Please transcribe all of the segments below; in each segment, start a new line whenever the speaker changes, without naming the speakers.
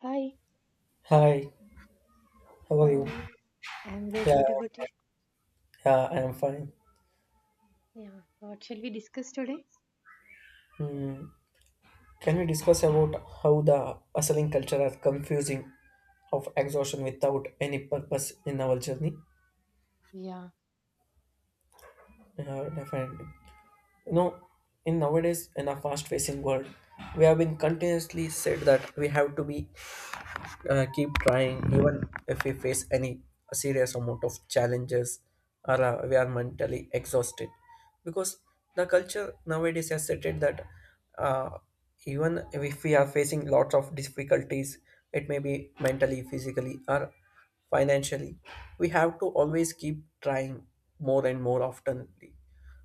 Hi,
Hi, how are
how
you?
are you? I'm good.
Yeah,
What about you?
yeah, I am fine.
Yeah, what shall we discuss today?
Can we discuss about how the hustling culture are confusing of exhaustion without any purpose in our journey?
Yeah,
Yeah, definitely. You know, in nowadays in a fast-facing world, we have been continuously said that we have to be keep trying even if we face any serious amount of challenges or we are mentally exhausted because the culture nowadays has stated that uh, even if we are facing lots of difficulties, it may be mentally, physically, or financially, we have to always keep trying more and more often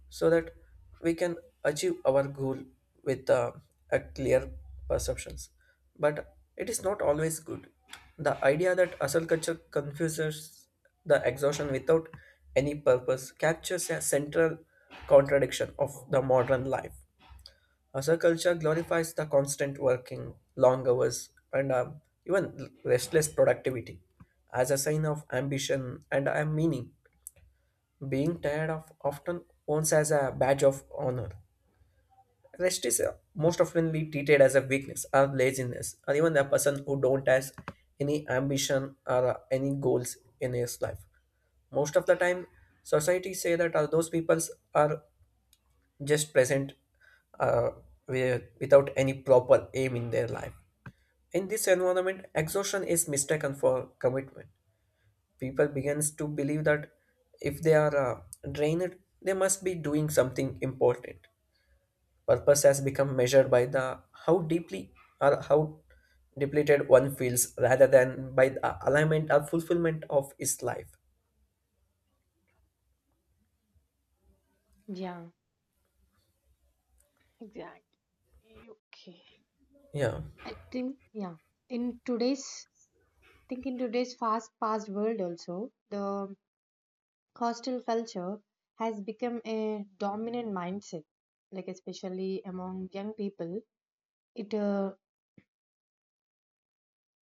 so that we can achieve our goal with a clear perceptions, but it is not always good. The idea that hustle culture confuses the exhaustion without any purpose captures a central contradiction of the modern life. Hustle culture glorifies the constant working long hours and even restless productivity as a sign of ambition and a meaning. Being tired of often owns as a badge of honor. Rest is most oftenly treated as a weakness or laziness, or even a person who don't has any ambition or any goals in his life. Most of the time, society say that those people are just present, uh, without any proper aim in their life. In this environment, exhaustion is mistaken for commitment. People begins to believe that if they are drained, they must be doing something important. Purpose has become measured by the how deeply or how depleted one feels rather than by the alignment or fulfillment of his life.
yeah. Exactly. Okay.
Yeah,
I think yeah. In today's, I think in today's fast-paced world, also the hostile culture has become a dominant mindset. Like especially among young people, it uh,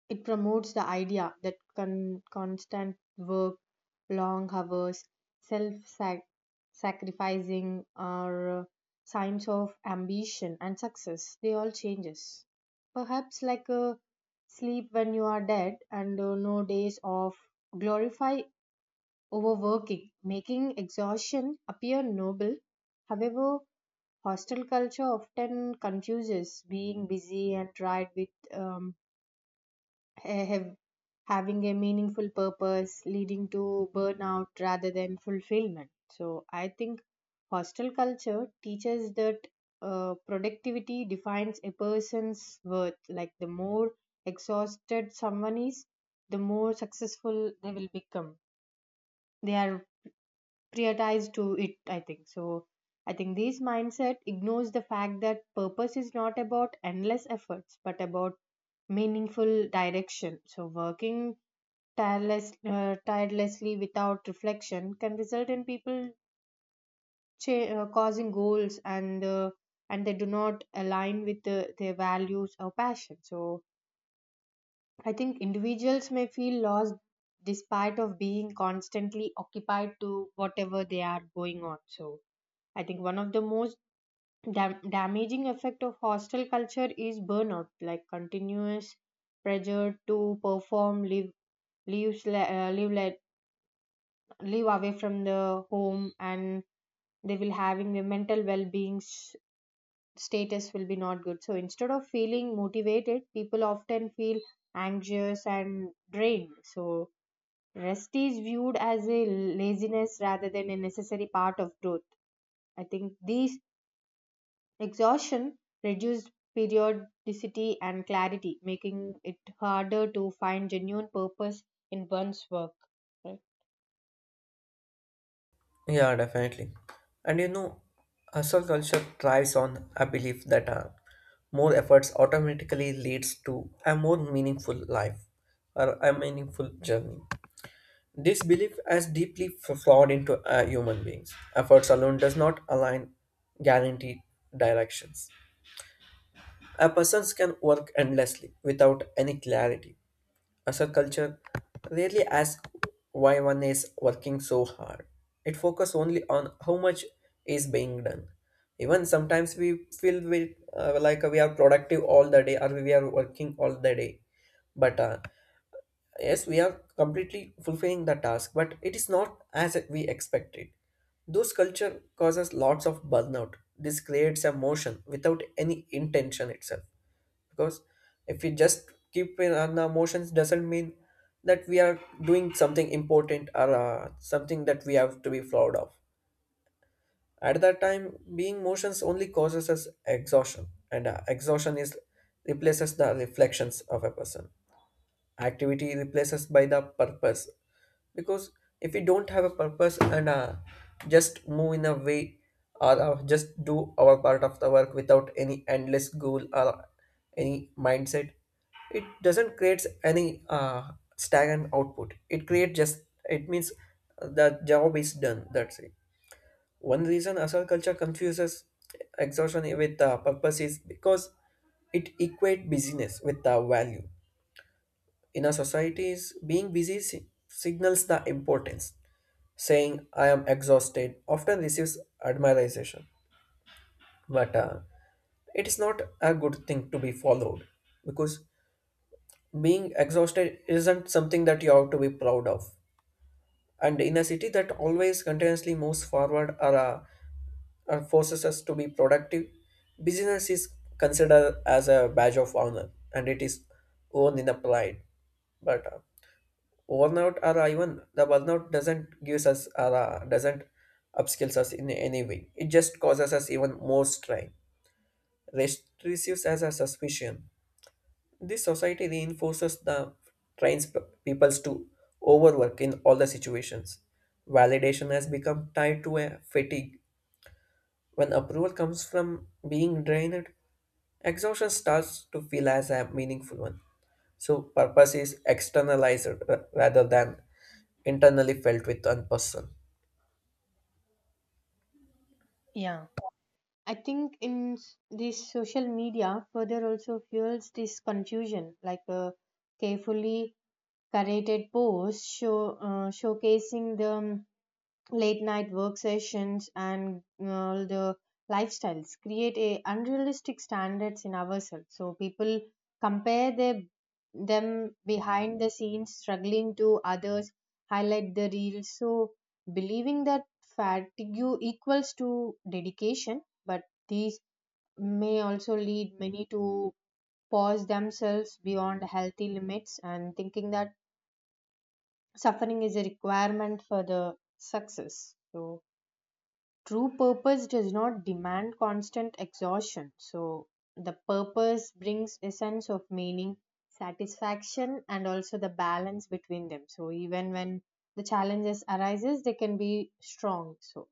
it promotes the idea that constant work, long hours, self sacrificing are signs of ambition and success. They all changes. Perhaps like a sleep when you are dead and no days off. Glorify overworking, making exhaustion appear noble. However, hostel culture often confuses being busy and tried with ha- have, having a meaningful purpose leading to burnout rather than fulfillment. So I think hostel culture teaches that productivity defines a person's worth. Like the more exhausted someone is, the more successful they will become, they are prioritized to it, I think this mindset ignores the fact that purpose is not about endless efforts but about meaningful direction. So working tirelessly without reflection can result in people causing goals and they do not align with their values or passion. So I think individuals may feel lost despite of being constantly occupied to whatever they are going on. So I think one of the most damaging effect of hostile culture is burnout. Like continuous pressure to perform live lives li- live li- live away from the home, and they will having a mental status will be not good. So instead of feeling motivated, people often feel anxious and drained. So rest is viewed as a laziness rather than a necessary part of growth. I think these exhaustion reduced periodicity and clarity, making it harder to find genuine purpose in one's work, right?
yeah, definitely. And you know, hustle culture thrives on a belief that more efforts automatically leads to a more meaningful life or a meaningful journey. This belief has deeply flawed into human beings. Efforts alone does not align guaranteed directions. A person can work endlessly without any clarity. As a culture rarely asks why one is working so hard. It focuses only on how much is being done. Even sometimes we feel like we are productive all the day or we are working all the day. But yes, we are completely fulfilling the task, but it is not as we expected. Those culture causes lots of burnout. This creates a motion without any intention itself, because if we just keep in on the emotions doesn't mean that we are doing something important or something that we have to be proud of. At that time, being motions only causes us exhaustion, and exhaustion is replaces the reflections of a person. Activity replaces by the purpose, because if we don't have a purpose and just move in a way or just do our part of the work without any endless goal or any mindset, it doesn't create any stagnant output. It creates just, it means the job is done, that's it. One reason asal culture confuses exhaustion with purpose is because it equate busyness with the value. In our societies, being busy signals the importance. Saying I am exhausted often receives admiration, but it is not a good thing to be followed, because being exhausted isn't something that you have to be proud of. And in a city that always continuously moves forward, or forces us to be productive, business is considered as a badge of honor and it is owned in a pride. But burnout, or even the burnout doesn't gives us, or doesn't upskills us in any way. It just causes us even more strain. Rest receives as a suspicion. This society reinforces the trains peoples to overwork in all the situations. Validation has become tied to a fatigue. When approval comes from being drained, exhaustion starts to feel as a meaningful one. So purpose is externalized rather than internally felt with one person.
Yeah. I think in this social media further also fuels this confusion, like a carefully curated posts show showcasing the late night work sessions and the lifestyles create a unrealistic standards in ourselves. So people compare their, them behind the scenes, struggling to others, highlight the reels. So believing that fatigue equals to dedication, but these may also lead many to pause themselves beyond healthy limits and thinking that suffering is a requirement for the success. So true purpose does not demand constant exhaustion. So the purpose brings a sense of meaning, satisfaction, and also the balance between them. So even when the challenges arises, they can be strong. So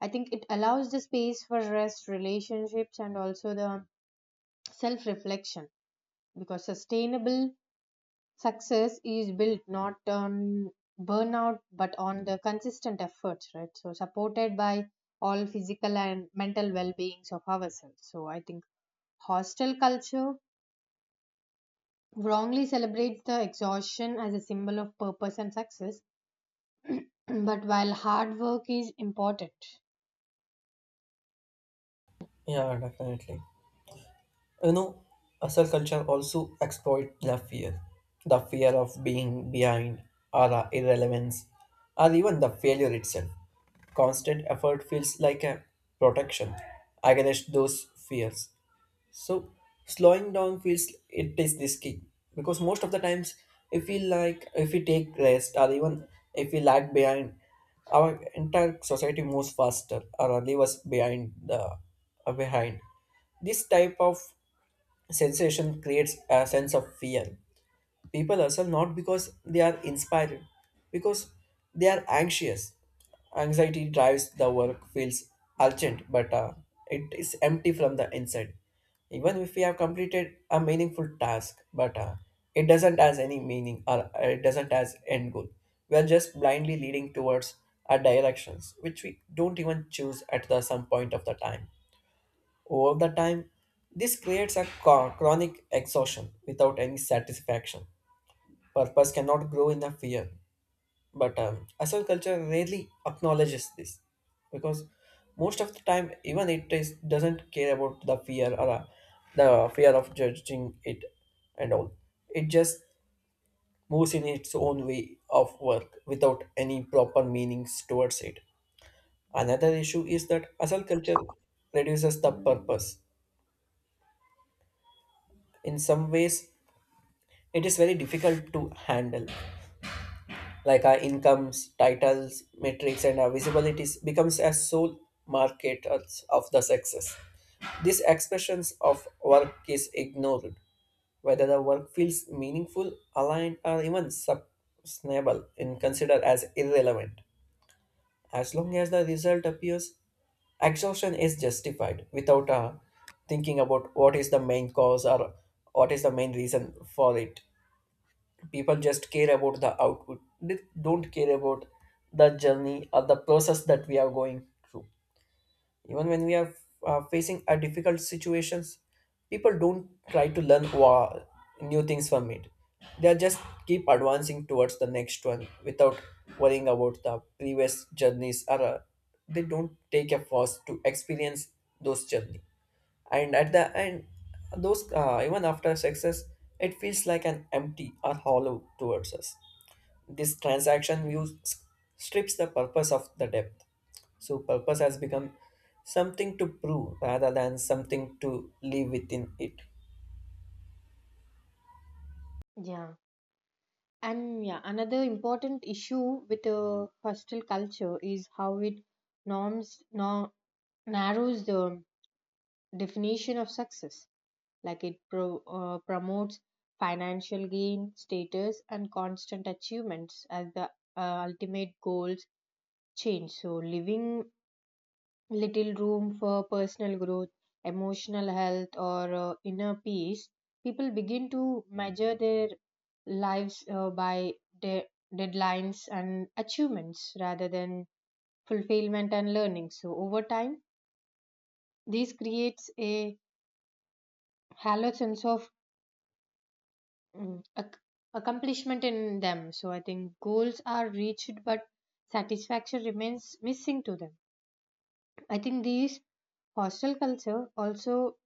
I think it allows the space for rest, relationships, and also the self reflection, because sustainable success is built not on burnout but on the consistent efforts, right? So supported by all physical and mental well-beings of ourselves. So I think hostel culture wrongly celebrates the exhaustion as a symbol of purpose and success, but while hard work is important.
Yeah, definitely. You know, hustle culture also exploit the fear of being behind, or the irrelevance, or even the failure itself. Constant effort feels like a protection against those fears. So slowing down feels it is this key, because most of the times, if we like if we take rest or even if we lag behind, our entire society moves faster or leave us behind the behind. This type of sensation creates a sense of fear. People hustle not because they are inspired, because they are anxious. Anxiety drives the work feels urgent, but it is empty from the inside. Even if we have completed a meaningful task, but it doesn't has any meaning, or it doesn't has end goal. We are just blindly leading towards our directions which we don't even choose at the some point of the time. Over the time, this creates a chronic exhaustion without any satisfaction. Purpose cannot grow in a fear. But hustle culture rarely acknowledges this, because most of the time, even it is, doesn't care about the fear, or the fear of judging it and all. It just moves in its own way of work without any proper meanings towards it. Another issue is that hustle culture reduces the purpose. In some ways, it is very difficult to handle, like our incomes, titles, metrics, and our visibilities becomes as sole marketers of the success. These expressions of work is ignored, whether the work feels meaningful, aligned, or even sustainable and considered as irrelevant. As long as the result appears, exhaustion is justified without thinking about what is the main cause or what is the main reason for it. People just care about the output. They don't care about the journey or the process that we are going through. Even when we are facing a difficult situations, people don't try to learn new things from it. They just keep advancing towards the next one without worrying about the previous journeys, or they don't take a pause to experience those journey. And at the end, those even after success, it feels like an empty or hollow towards us. This transaction view strips the purpose of the depth. So purpose has become something to prove rather than something to live within it.
Yeah, and yeah, another important issue with the hostel culture is how it norms no, narrows the definition of success. Like it promotes financial gain, status, and constant achievements as the ultimate goals change. So, leaving little room for personal growth, emotional health, or inner peace, people begin to measure their lives by de- deadlines and achievements rather than fulfillment and learning. So, over time, this creates a hollow sense of mm, ac- accomplishment in them. So I think goals are reached, but satisfaction remains missing to them. I think this hostile culture also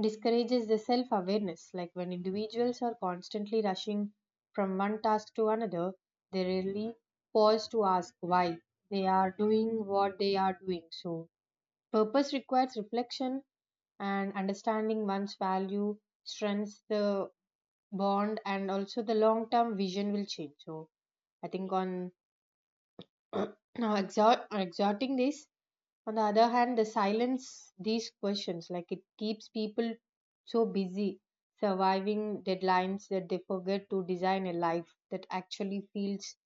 discourages the self awareness. Like when individuals are constantly rushing from one task to another, they rarely pause to ask why they are doing what they are doing. So purpose requires reflection and understanding one's value, strengths, the bond, and also the long term vision will change. So I think on exhorting this on the other hand, the silence these questions, like it keeps people so busy surviving deadlines that they forget to design a life that actually feels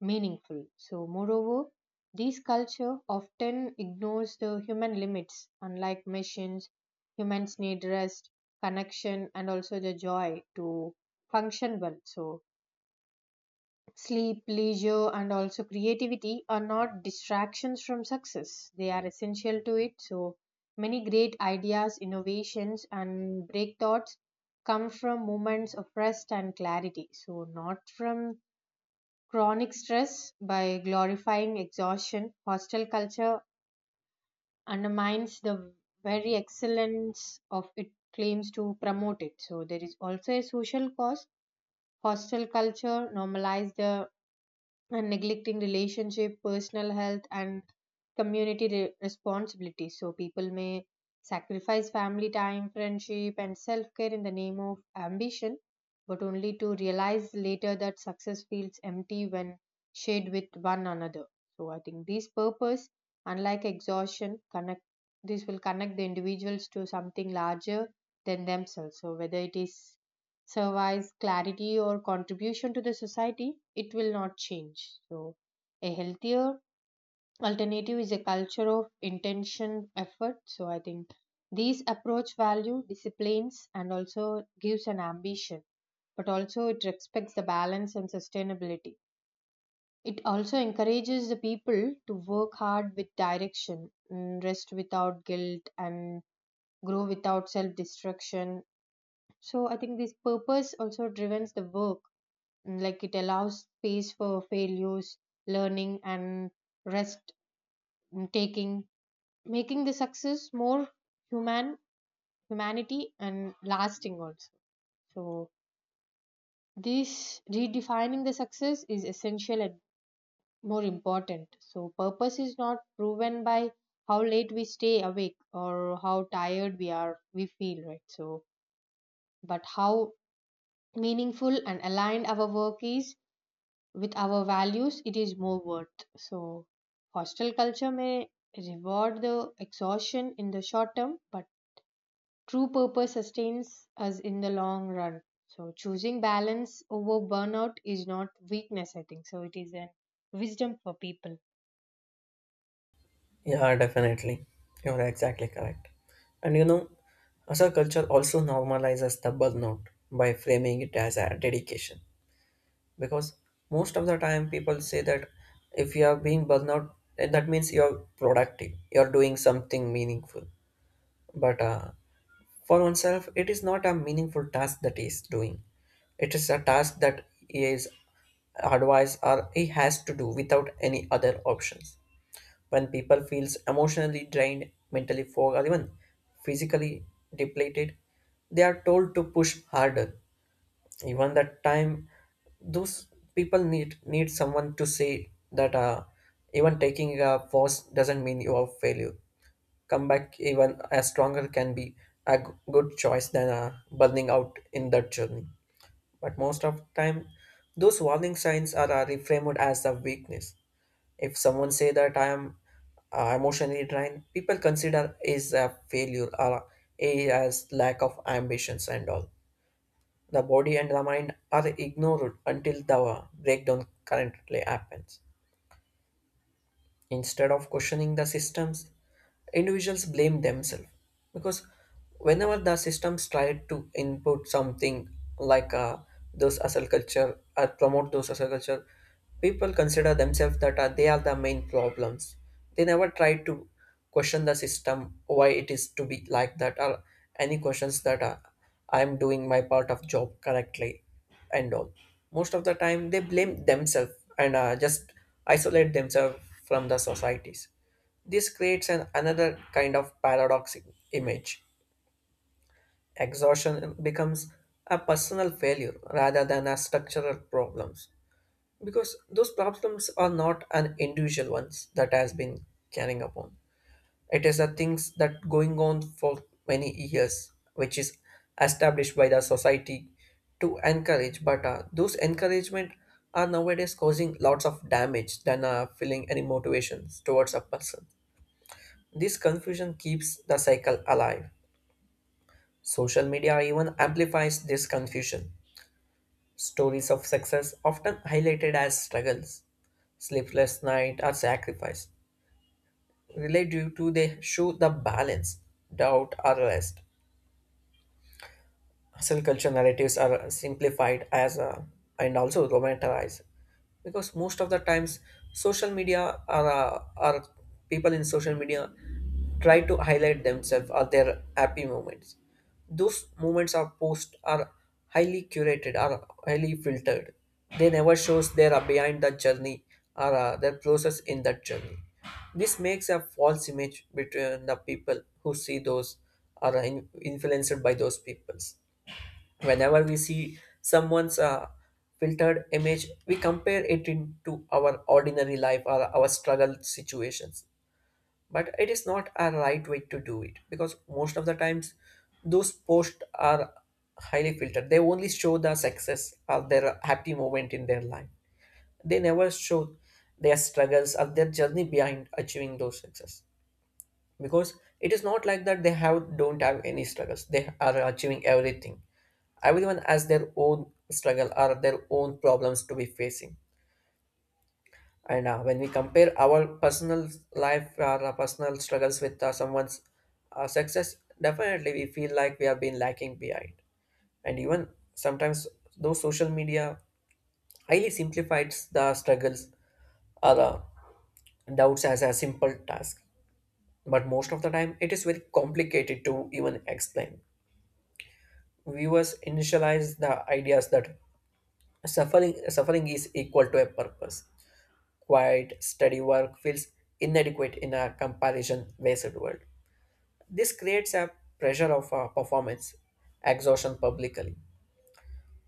meaningful. So moreover, this culture often ignores the human limits. Unlike machines, humans need rest, connection, and also the joy to function well. So sleep, leisure, and also creativity are not distractions from success. They are essential to it. So, many great ideas, innovations, and breakthroughs come from moments of rest and clarity. So, not from chronic stress. By glorifying exhaustion, hostile culture undermines the very excellence of it claims to promote it. So, there is also a social cause. Hostile culture normalized the and neglecting relationship, personal health, and responsibilities. So people may sacrifice family time, friendship, and self care in the name of ambition, but only to realize later that success feels empty when shared with one another. So I think this purpose, unlike exhaustion, connect this will connect the individuals to something larger than themselves. So whether it is survives clarity or contribution to the society, it will not change. So, a healthier alternative is a culture of intention effort. So, I think these approach value disciplines and also gives an ambition, but also it respects the balance and sustainability. It also encourages the people to work hard with direction, mm, rest without guilt, and grow without self destruction. So, I think this purpose also drives the work. Like it allows space for failures, learning, and rest, mm, taking, making the success more human humanity and lasting also. So this redefining the success is essential and more important. So purpose is not proven by how late we stay awake or how tired we are we feel, right? So but how meaningful and aligned our work is with our values, it is more worth. So, hostile culture may reward the exhaustion in the short term, but true purpose sustains us in the long run. So, choosing balance over burnout is not weakness, I think. So, it is a wisdom for people.
Yeah, definitely. You're exactly correct. And you know, as our culture also normalizes the burnout by framing it as a dedication. Because most of the time people say that if you are being burnout, that means you're productive, you're doing something meaningful. But for oneself, it is not a meaningful task that he is doing. It is a task that he is advised or he has to do without any other options. When people feels emotionally drained, mentally fogged, or even physically depleted, they are told to push harder. Even that time, those people need someone to say that even taking a pause doesn't mean you are failure. Come back even as stronger can be a good choice than burning out in that journey. But most of the time, those warning signs are reframed as a weakness. If someone say that I am emotionally drained, people consider is a failure or a as lack of ambitions and all. The body and the mind are ignored until the breakdown currently happens. Instead of questioning the systems, individuals blame themselves, because whenever the systems try to input something like those hustle culture or promote those hustle culture, people consider themselves that they are the main problems. They never try to question the system why it is to be like that, or any questions that I am doing my part of job correctly and all. Most of the time, they blame themselves and just isolate themselves from the societies. This creates an another kind of paradoxic image. Exhaustion becomes a personal failure rather than a structural problems, because those problems are not an individual ones that has been carrying upon. It is the things that going on for many years, which is established by the society to encourage. But those encouragement are nowadays causing lots of damage than feeling any motivations towards a person. This confusion keeps the cycle alive. Social media even amplifies this confusion. Stories of success often highlighted as struggles, sleepless night, or sacrifice relate due to they show the balance, doubt, or rest. Hustle culture narratives are simplified as and also romanticized because most of the times social media are people in social media try to highlight themselves or their happy moments those moments are post are highly curated are highly filtered they never shows their behind the journey or their process in that journey. This makes a false image between the people who see those are influenced by those peoples. Whenever we see someone's filtered image we compare it into our ordinary life or our struggle situations, but it is not a right way to do it because most of the times those posts are highly filtered. They only show the success or their happy moment in their life, they never show their struggles or their journey behind achieving those success, because it is not like that they have don't have any struggles they are achieving everything. Everyone has their own struggle or their own problems to be facing. And when we compare our personal life or our personal struggles with someone's success, definitely we feel like we have been lacking behind. And even sometimes, though social media highly simplifies the struggles or doubts as a simple task, but most of the time it is very complicated to even explain. Viewers initialize the ideas that suffering is equal to a purpose. Quiet, steady work feels inadequate in a comparison-based world. This creates a pressure of performance, exhaustion publicly.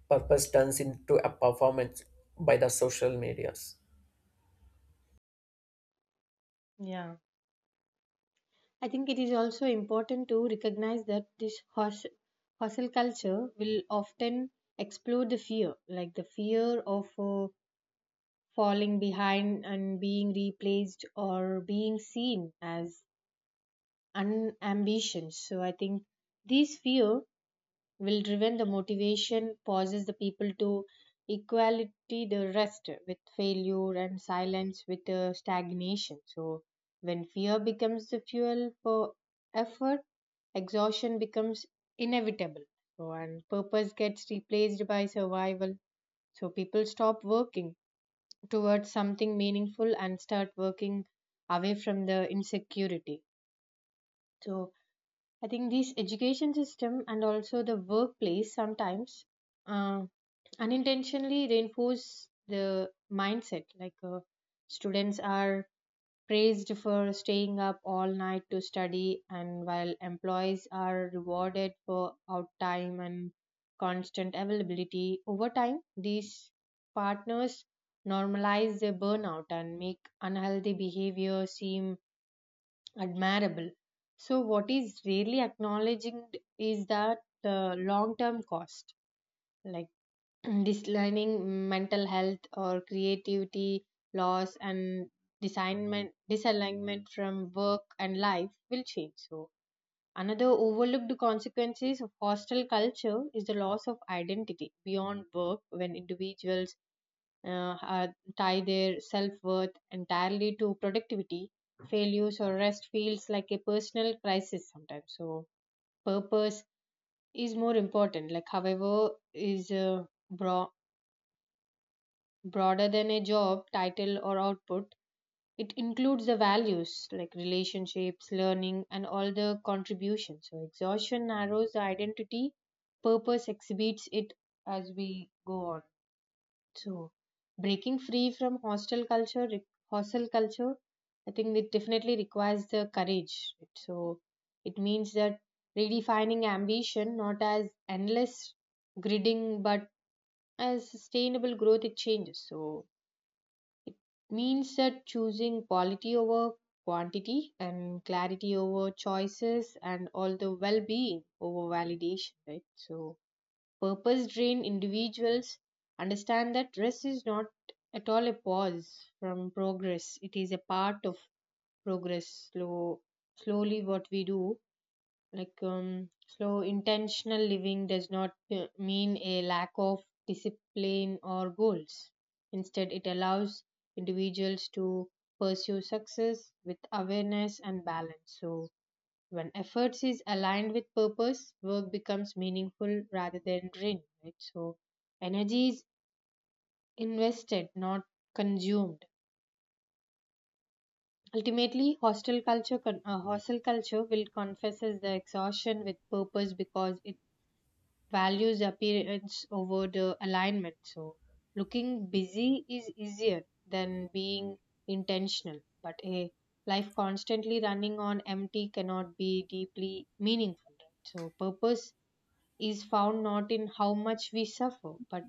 Purpose turns into a performance by the social medias.
Yeah. I think it is also important to recognize that this hostel culture will often explore the fear, like the fear of falling behind and being replaced or being seen as unambition. So I think this fear will driven the motivation, causes the people to equality the rest with failure and silence with stagnation. So when fear becomes the fuel for effort, exhaustion becomes inevitable. So and purpose gets replaced by survival. So people stop working towards something meaningful and start working away from the insecurity. So I think this education system and also the workplace sometimes uh, unintentionally reinforce the mindset. Like students are praised for staying up all night to study, and while employees are rewarded for out time and constant availability, over time these partners normalize their burnout and make unhealthy behavior seem admirable. So, what is really acknowledged is that the long term cost, like this learning, mm, mental health or creativity loss and designment disalignment from work and life will change. So another overlooked consequences of hostile culture is the loss of identity beyond work. When individuals tie their self-worth entirely to productivity, failures or rest feels like a personal crisis sometimes. So purpose is more important, like however is broad broader than a job title or output. It includes the values like relationships, learning, and all the contributions. So exhaustion narrows the identity, purpose exhibits it as we go on. So breaking free from hostile culture, I think it definitely requires the courage, right? So it means that redefining ambition not as endless gridding but as sustainable growth, it changes. So it means that choosing quality over quantity and clarity over choices and all the well being over validation, right? So, purpose driven individuals understand that rest is not at all a pause from progress, it is a part of progress. Slowly what we do, like slow intentional living does not mean a lack of discipline or goals. Instead it allows individuals to pursue success with awareness and balance. So when efforts is aligned with purpose, work becomes meaningful rather than drained, right? So energy is invested not consumed. Ultimately, hostel culture will confesses the exhaustion with purpose because it values appearance over the alignment. So, looking busy is easier than being intentional, but a life constantly running on empty cannot be deeply meaningful. Right? So, purpose is found not in how much we suffer, but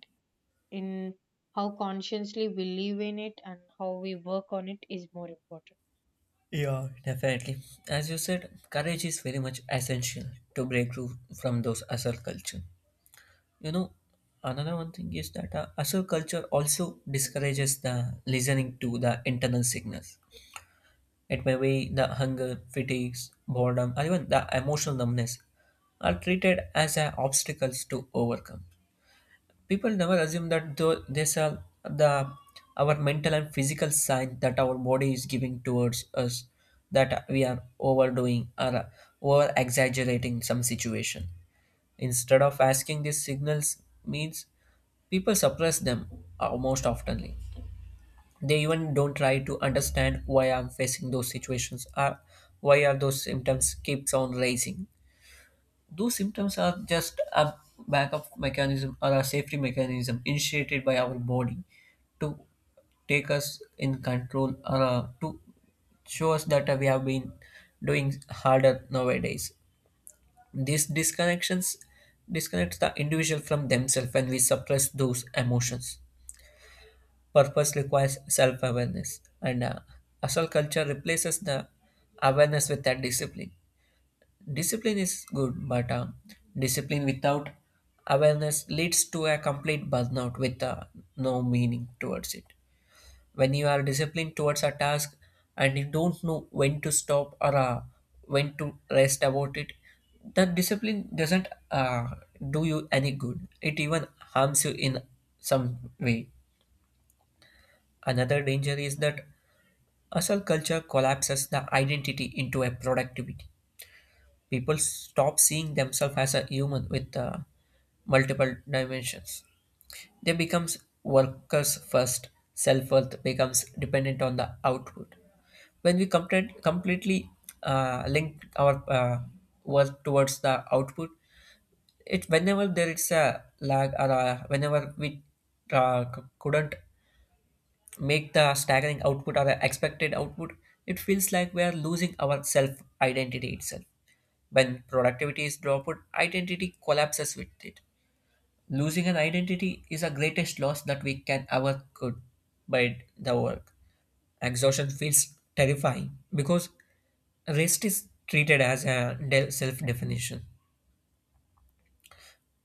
in how consciously we live in it and how we work on it is more important.
Yeah, definitely. As you said, courage is very much essential to break through from those hustle culture. You know, another one thing is that hustle culture also discourages the listening to the internal signals. It may be the hunger, fatigues, boredom, or even the emotional numbness are treated as obstacles to overcome. People never assume that though these are the our mental and physical signs that our body is giving towards us that we are overdoing or over exaggerating some situation. Instead of asking these signals means, people suppress them most oftenly. They even don't try to understand why I'm facing those situations or why are those symptoms keeps on rising. Those symptoms are just a backup mechanism or a safety mechanism initiated by our body to take us in control or to show us that we have been doing harder nowadays. These disconnections disconnects the individual from themselves when we suppress those emotions. Purpose requires self awareness, and hustle culture replaces the awareness with that discipline. Discipline is good, but discipline without awareness leads to a complete burnout with no meaning towards it. When you are disciplined towards a task and you don't know when to stop or when to rest about it, the discipline doesn't do you any good. It even harms you in some way. Another danger is that hustle culture collapses the identity into a productivity. People stop seeing themselves as a human with multiple dimensions. They becomes workers first. Self worth becomes dependent on the output. When completely link our work towards the output, it whenever there is a lag or whenever we couldn't make the staggering output or the expected output, it feels like we are losing our self identity itself. When productivity is dropped, identity collapses with it. Losing an identity is the greatest loss that we can ever could by the work. Exhaustion feels terrifying because rest is treated as a self definition.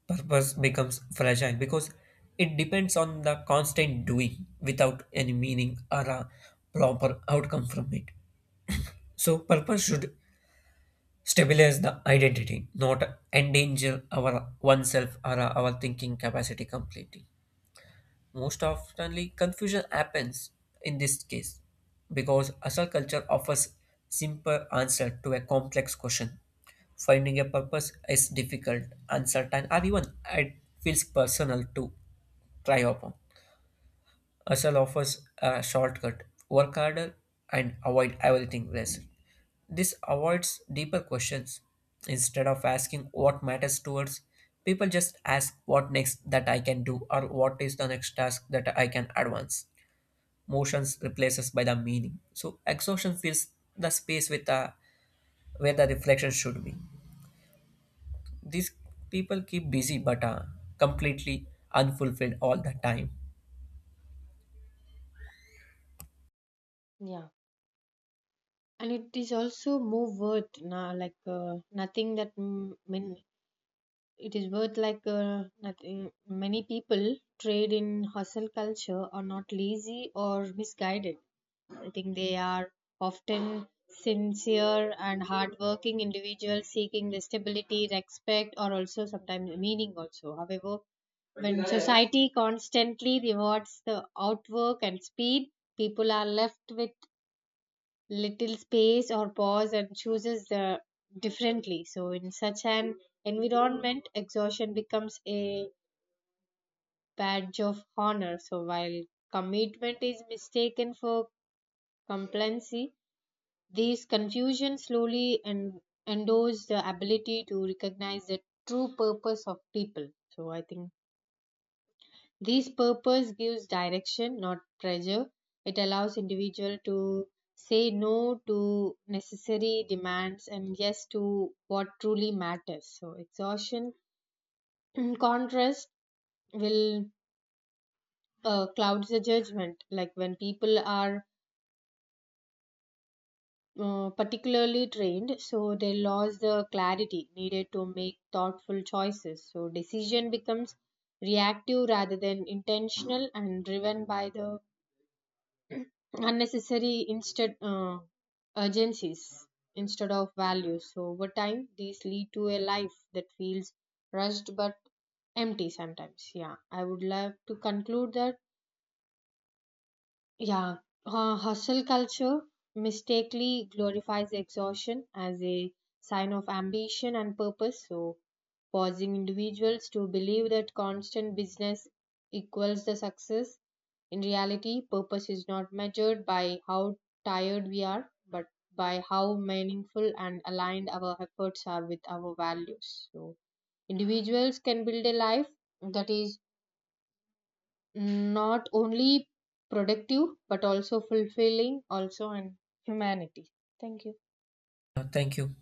Purpose becomes fragile because it depends on the constant doing without any meaning or a proper outcome from it. So purpose should stabilize the identity, not endanger our oneself or our thinking capacity completely. Most oftenly, confusion happens in this case because hustle culture offers simple answer to a complex question. Finding a purpose is difficult, uncertain, or even it feels personal to try upon. Hustle offers a shortcut. Work harder and avoid everything less. This avoids deeper questions. Instead of asking what matters to us, people just ask what next that I can do or what is the next task that I can advance. Motions replaces by the meaning. So exhaustion fills the space with the where the reflection should be. These people keep busy but completely unfulfilled all the time.
Yeah, and it is also more worth na, like nothing that mm, min- it is worth like nothing. Many people trade in hustle culture are not lazy or misguided. I think they are often sincere and hardworking individuals seeking the stability, respect, or also sometimes meaning also. However, when society constantly rewards the outwork and speed, people are left with little space or pause and chooses the differently. So in such an environment, exhaustion becomes a badge of honor. So while commitment is mistaken for complacency, this confusion slowly and endows the ability to recognize the true purpose of people. So I think this purpose gives direction, not pressure. It allows individual to say no to necessary demands and yes to what truly matters. So exhaustion, in contrast, will clouds the judgment. Like when people are particularly trained, so they lose the clarity needed to make thoughtful choices. So decision becomes reactive rather than intentional and driven by the unnecessary instead urgencies instead of values. So over time these lead to a life that feels rushed but empty sometimes. Yeah, I would love to conclude that yeah, hustle culture mistakenly glorifies exhaustion as a sign of ambition and purpose, so causing individuals to believe that constant business equals the success. In reality, purpose is not measured by how tired we are, but by how meaningful and aligned our efforts are with our values. So, individuals can build a life that is not only productive but also fulfilling also and humanity. Thank you.
Thank you.